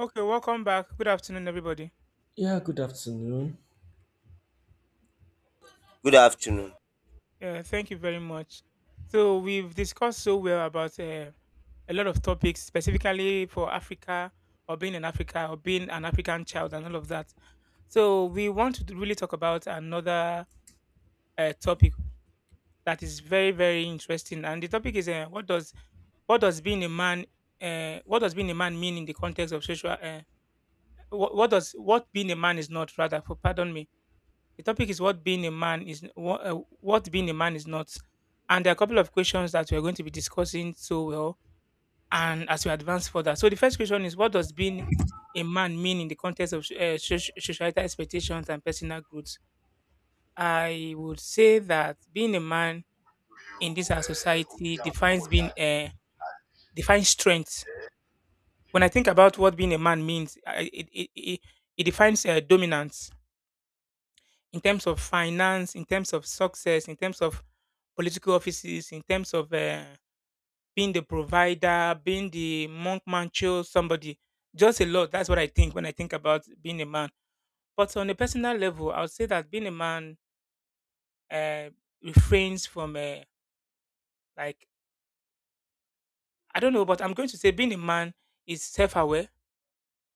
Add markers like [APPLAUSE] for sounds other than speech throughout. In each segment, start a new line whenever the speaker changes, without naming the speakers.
Okay, welcome back. Good afternoon, everybody.
Yeah, good afternoon.
Good afternoon.
Thank you very much. So we've discussed so well about a lot of topics, specifically for Africa or being in Africa or being an African child and all of that. So we want to really talk about another topic that is very, very interesting. And the topic is what does being a man what does being a man mean in the context of social what being a man is not rather for pardon me. The topic is what being a man is what being a man is not, and there are a couple of questions that we are going to be discussing so well, and as we advance further. So the first question is, what does being a man mean in the context of societal expectations and personal growth? I would say that being a man in this our society defines being defines strength. When I think about what being a man means, it defines dominance in terms of finance, in terms of success, in terms of political offices, in terms of being the provider, being the monk mancho, somebody. Just a lot. That's what I think when I think about being a man. But on a personal level, I would say that being a man uh, refrains from like I don't know, but I'm going to say being a man is self-aware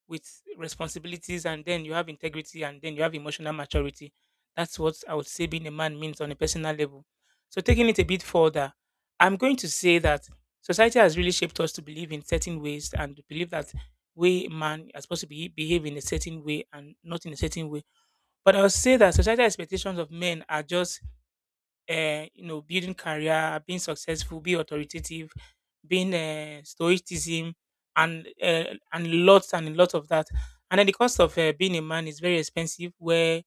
with responsibilities and then you have integrity and then you have emotional maturity. That's what I would say being a man means on a personal level. So taking it a bit further, I'm going to say that society has really shaped us to believe in certain ways and to believe that way man are supposed to be behave in a certain way and not in a certain way. But I would say that societal expectations of men are just you know, building career, being successful, be authoritative, being stoicism, and uh, and lots of that. And then the cost of being a man is very expensive, where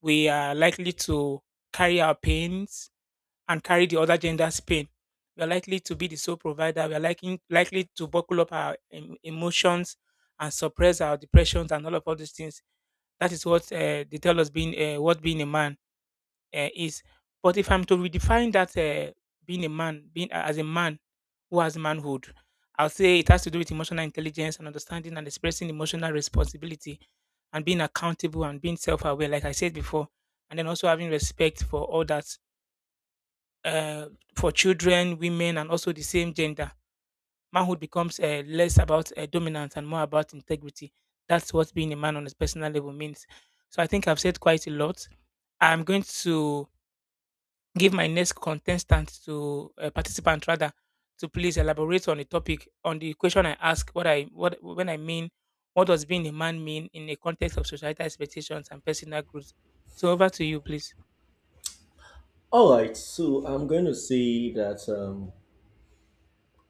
we are likely to carry our pains and carry the other gender's pain. We are likely to be the sole provider. We are likely to buckle up our emotions and suppress our depressions and all these things. That is what they tell us being what being a man is. But if I'm to redefine that, being a man, being as a man who has manhood, I'll say it has to do with emotional intelligence and understanding and expressing emotional responsibility and being accountable and being self-aware, like I said before, and then also having respect for all that uh, for children, women, and also the same gender. Manhood becomes less about dominance and more about integrity. That's what being a man on a personal level means. So I think I've said quite a lot. I'm going to give my next contestant to participant rather to please elaborate on the topic on the question I ask what I what when I mean What does being a man mean in the context of societal expectations and personal growth? So over to you, please.
So I'm going to say that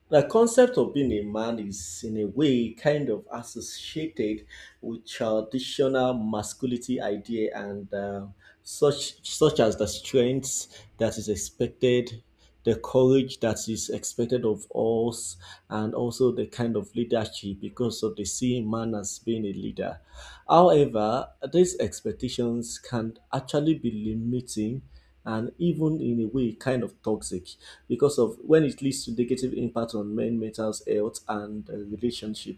the concept of being a man is, in a way, kind of associated with traditional masculinity idea and such as the strength that is expected, the courage that is expected of us, and also the kind of leadership because of the seeing man as being a leader. However, these expectations can actually be limiting and even in a way kind of toxic because of when it leads to negative impact on men mental health and relationship.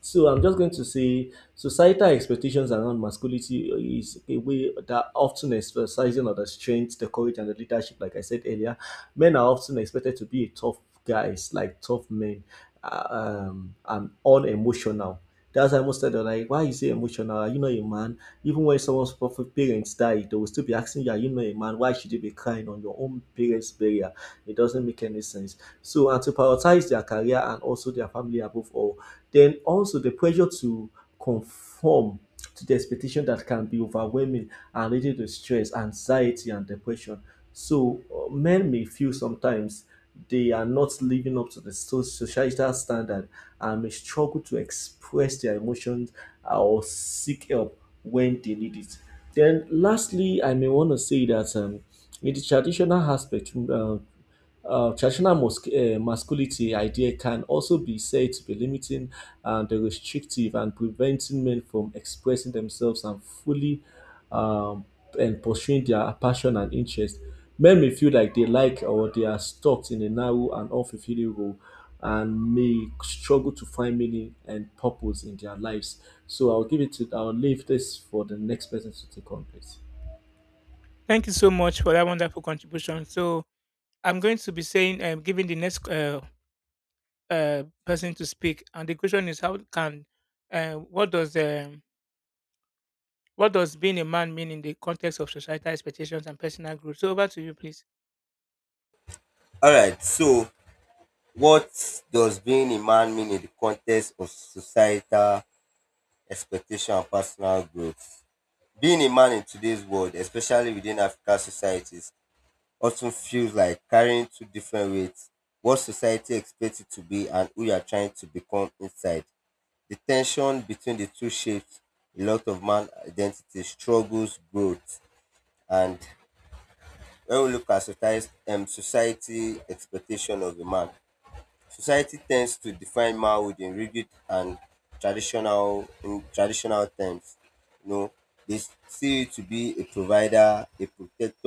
So I'm just going to say societal expectations around masculinity is a way that often exercising on the strength, the courage, and the leadership, like I said earlier. Men are often expected to be a tough guys, like tough men, and unemotional. That's why most said they're like, why you say emotional? Are you not a man? Even when someone's proper parents die, they will still be asking you, are you not a man? Why should you be crying on your own parents' burial? It doesn't make any sense. So, and to prioritize their career and also their family above all, then also the pressure to conform to the expectation that can be overwhelming and leading to stress, anxiety, and depression. So men may feel sometimes they are not living up to the societal standard and may struggle to express their emotions or seek help when they need it. Then, lastly, I may want to say that in the traditional aspect, traditional masculinity idea can also be said to be limiting and restrictive and preventing men from expressing themselves and fully um, and pursuing their passion and interest. Men may feel like they like or they are stuck in a narrow and unfulfilling role and may struggle to find meaning and purpose in their lives. So I'll give it to I'll leave this for the next person to take on, please.
Thank you so much for that wonderful contribution. So I'm going to be saying giving the next person to speak, and the question is how can uh, what does um, what does being a man mean in the context of societal expectations and personal growth? So over to you, please.
All right. So, what does being a man mean in the context of societal expectation and personal growth? Being a man in today's world, especially within African societies, often feels like carrying two different weights: what society expects it to be and who you are trying to become inside. The tension between the two shapes a lot of man identity, struggles, growth, and when we look at society, society expectation of a man. Society tends to define manhood in rigid and traditional terms. You know, they see you to be a provider, a protector,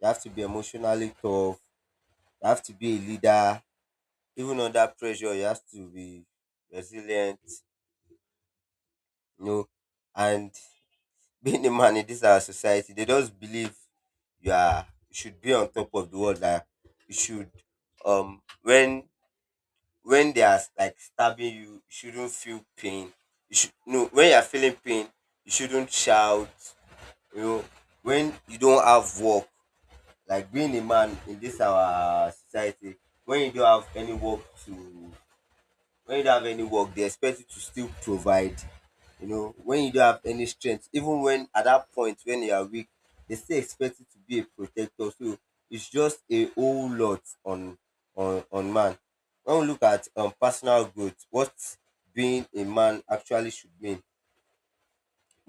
you have to be emotionally tough, you have to be a leader, even under pressure you have to be resilient, you know. And [LAUGHS] being a man in this our society, they just believe you should be on top of the world, that you should um when when they are like stabbing you, you shouldn't feel pain. You should no When you are feeling pain, you shouldn't shout. You know, when you don't have work, like being a man in this our society, when you don't have any work to when you don't have any work, they expect you to still provide. You know, when you don't have any strength, even when at that point when you are weak, they still expect you to be a protector. So it's just a whole lot on man. When we look at personal growth, what being a man actually should mean: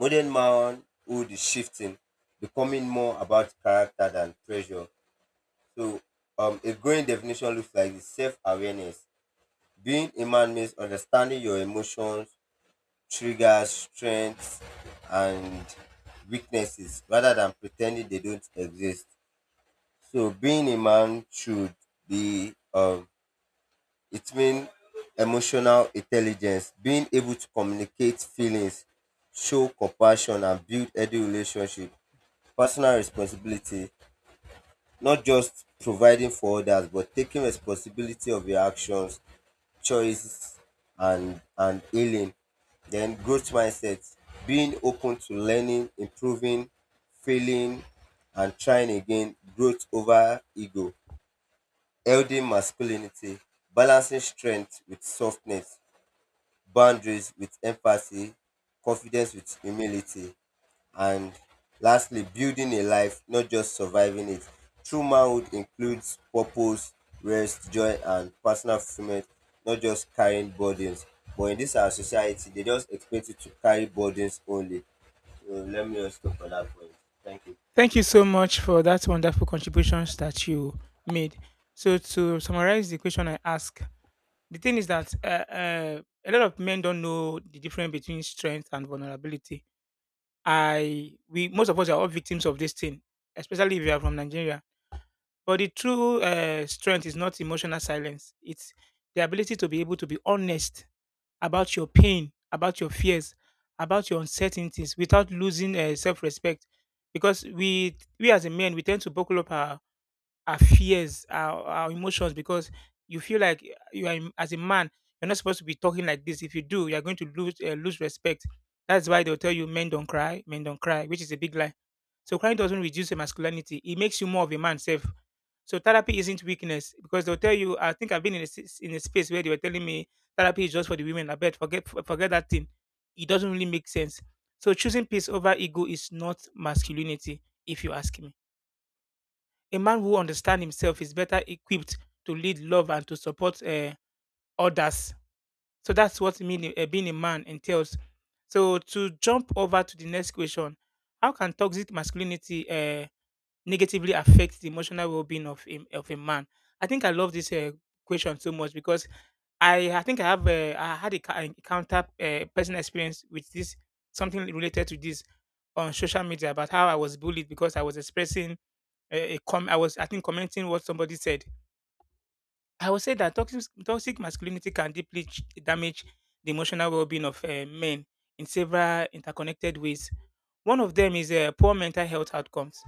modern manhood is shifting, becoming more about character than pressure. So a growing definition looks like this. Self-awareness: being a man means understanding your emotions, triggers, strengths, and weaknesses rather than pretending they don't exist. So being a man should be, it means emotional intelligence, being able to communicate feelings, show compassion, and build healthy relationship. Personal responsibility: not just providing for others, but taking responsibility of your actions, choice, and healing. Then growth mindset: being open to learning, improving, failing, and trying again. Growth over ego. Healthy masculinity: balancing strength with softness, boundaries with empathy, confidence with humility. And lastly, building a life, not just surviving it. True manhood includes purpose, rest, joy, and personal fulfillment, not just carrying burdens. But in this our society, they just expect you to carry burdens only. So let me just stop at that point. Thank you.
Thank you so much for that wonderful contributions that you made. So to summarize the question I asked, the thing is that a lot of men don't know the difference between strength and vulnerability. I we most of us are all victims of this thing, especially if you are from Nigeria. But the true strength is not emotional silence; it's the ability to be able to be honest about your pain, about your fears, about your uncertainties without losing self-respect. Because we as a man we tend to buckle up our fears, our emotions because you feel like you are as a man you're not supposed to be talking like this. If you do, you're going to lose lose respect. That's why they'll tell you men don't cry, which is a big lie. So crying doesn't reduce your masculinity; it makes you more of a man, self. So therapy isn't weakness because they'll tell you. I think I've been in in a space where they were telling me therapy is just for the women. I bet forget that thing. It doesn't really make sense. So choosing peace over ego is not masculinity, if you ask me. A man who understands himself is better equipped to lead love and to support others. So that's what meaning, being a man entails. So to jump over to the next question, how can toxic masculinity negatively affect the emotional well-being of of a man? I think I love this question so much because I think I have I had a counter personal experience with this, something related to this on social media about how I was bullied because I was expressing a com I was I think commenting what somebody said. I would say that toxic masculinity can deeply damage the emotional well-being of men in several interconnected ways. One of them is poor mental health outcomes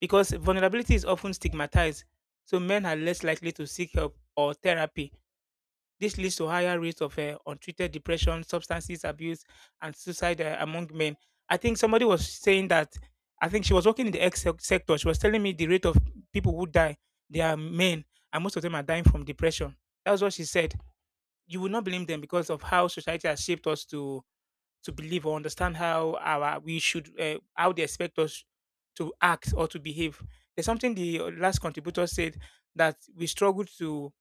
because vulnerability is often stigmatized, so men are less likely to seek help or therapy. This leads to higher rates of untreated depression, substances abuse, and suicide among men. I think somebody was saying that. I think she was working in the X sector. She was telling me the rate of people who die, they are men, and most of them are dying from depression. That's what she said. You will not blame them because of how society has shaped us to believe or understand how our we should how they expect us to act or to behave. There's something the last contributor said that we struggle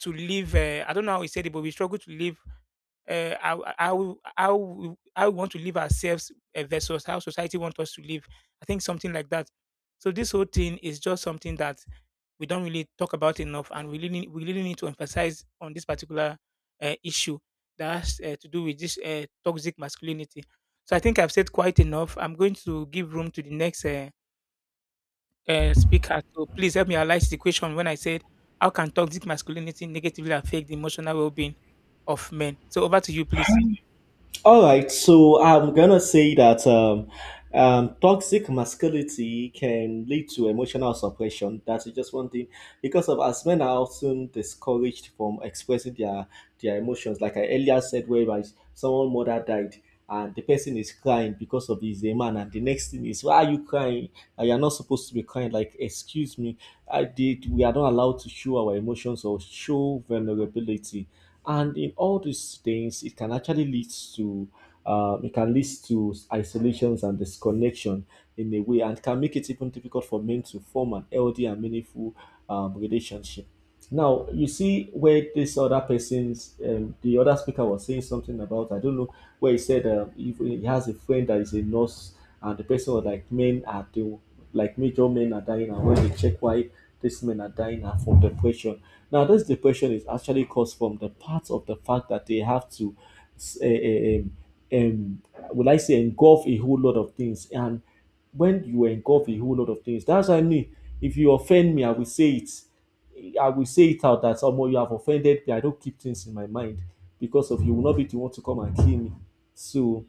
to live. I don't know how he said it, but we struggle to live uh, how, how how how we want to live ourselves versus how society wants us to live. I think something like that. So this whole thing is just something that we don't really talk about enough, and we really need to emphasize on this particular issue that has to do with this toxic masculinity. So I think I've said quite enough. I'm going to give room to the next speaker. So please help me analyze the question when I said how can toxic masculinity negatively affect the emotional well-being of men? So over to you, please.
So I'm gonna say that toxic masculinity can lead to emotional suppression. That's just one thing, because of as men are often discouraged from expressing their emotions. Like I earlier said, whereby someone mother died and the person is crying because of his a man, and the next thing is, why are you crying? You are not supposed to be crying. Like, excuse me, I did. We are not allowed to show our emotions or show vulnerability, and in all these things it can actually lead to it can lead to isolations and disconnection in a way, and can make it even difficult for men to form an healthy and meaningful relationship. Now you see where this other person's, the other speaker was saying something about, I don't know where he said, if he has a friend that is a nurse and the person was like, men are the, like, major men are dying, and when they check why these men are dying are from depression. Now, this depression is actually caused from the part of the fact that they have to, um, um, would I say, engulf a whole lot of things. And when you engulf a whole lot of things, that's what I mean. If you offend me, I will say it. I will say it out that someone, you have offended me. I don't keep things in my mind because of you will not be the one to come and kill me. So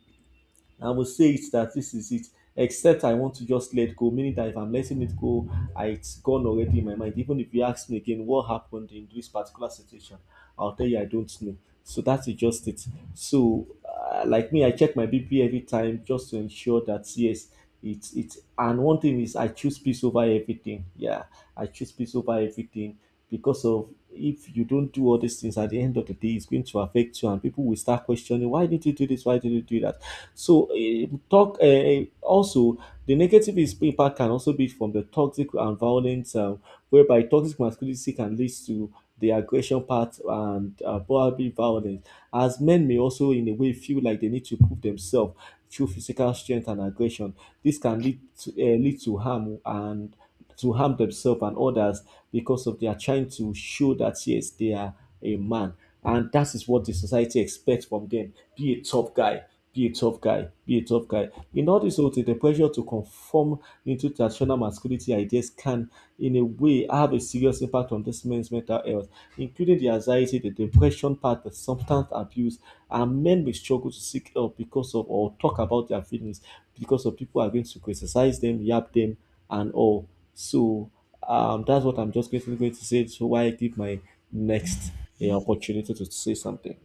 I will say it that this is it. Except I want to just let go, meaning that if I'm letting it go, it's gone already in my mind. Even if you ask me again what happened in this particular situation, I'll tell you I don't know. So that's just it. So, like me, I check my BP every time just to ensure that yes, it's. And one thing is, I choose peace over everything. Yeah, I choose peace over everything, because of if you don't do all these things at the end of the day, it's going to affect you, and people will start questioning, why did you do this? Why did you do that? So, also the negative is impact can also be from the toxic and violent, whereby toxic masculinity can lead to the aggression part and probably violence. As men may also, in a way, feel like they need to prove themselves through physical strength and aggression. This can lead to, lead to harm and to harm themselves and others because of they are trying to show that yes, they are a man, and that is what the society expects from them. Be a tough guy, be a tough guy, be a tough guy. In all this whole thing, the pressure to conform into traditional masculinity ideas can, in a way, have a serious impact on this man's mental health, including the anxiety, the depression part, the substance abuse, and men may struggle to seek help because of or talk about their feelings because of people are going to criticize them, yap them, and all. So that's what I'm just going to say. So why I give my next opportunity to say something.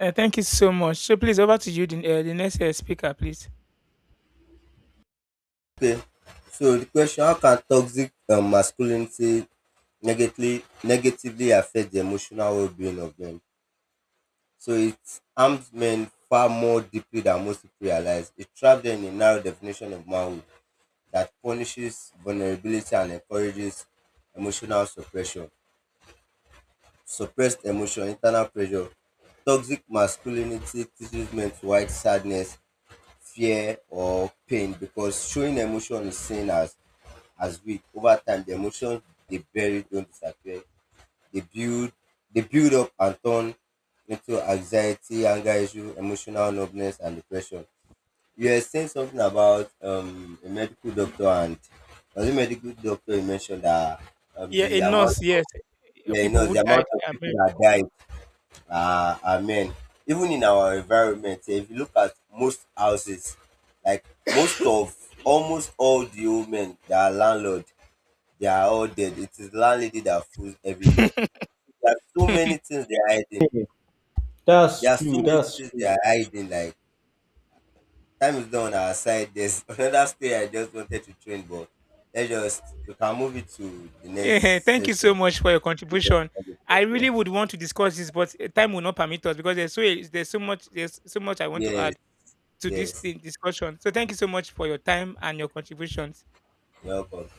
Thank you so much. So please over to you, the next speaker, please.
Okay. So the question: how can toxic masculinity negatively affect the emotional well-being of men? So it harmed men far more deeply than most people realize. It trapped them in a narrow definition of manhood that punishes vulnerability and encourages emotional suppression. Suppressed emotion, internal pressure. Toxic masculinity teaches men to hide sadness, fear, or pain because showing emotion is seen as weak. Over time, the emotions they bury don't disappear. They build they build up and turn into anxiety, anger issue, emotional numbness, and depression. You were saying something about a medical doctor, and as a medical doctor, you mentioned that
Yeah, a
the amount,
nurse,
of,
yes.
yeah, you
People
know,
who
the
died.
amount of people
Amen.
that died are men. Even in our environment, if you look at most houses, like most of almost all the old men that are landlord, they are all dead. It is landlady that fools everywhere.
[LAUGHS]
There are so many things they are hiding.
That's
There are so
true.
many
That's
things they
true.
are hiding. Like time is not on our side. There's [LAUGHS] another story I just wanted to train, but let's just we can move it to the next
Yeah, thank you so
session.
much for your contribution. I
Yeah.
really would want to discuss this, but time will not permit us because there's so much I want to
Yes,
add. To this
yes.
discussion. So thank you so much for your time and your contributions.
You're welcome.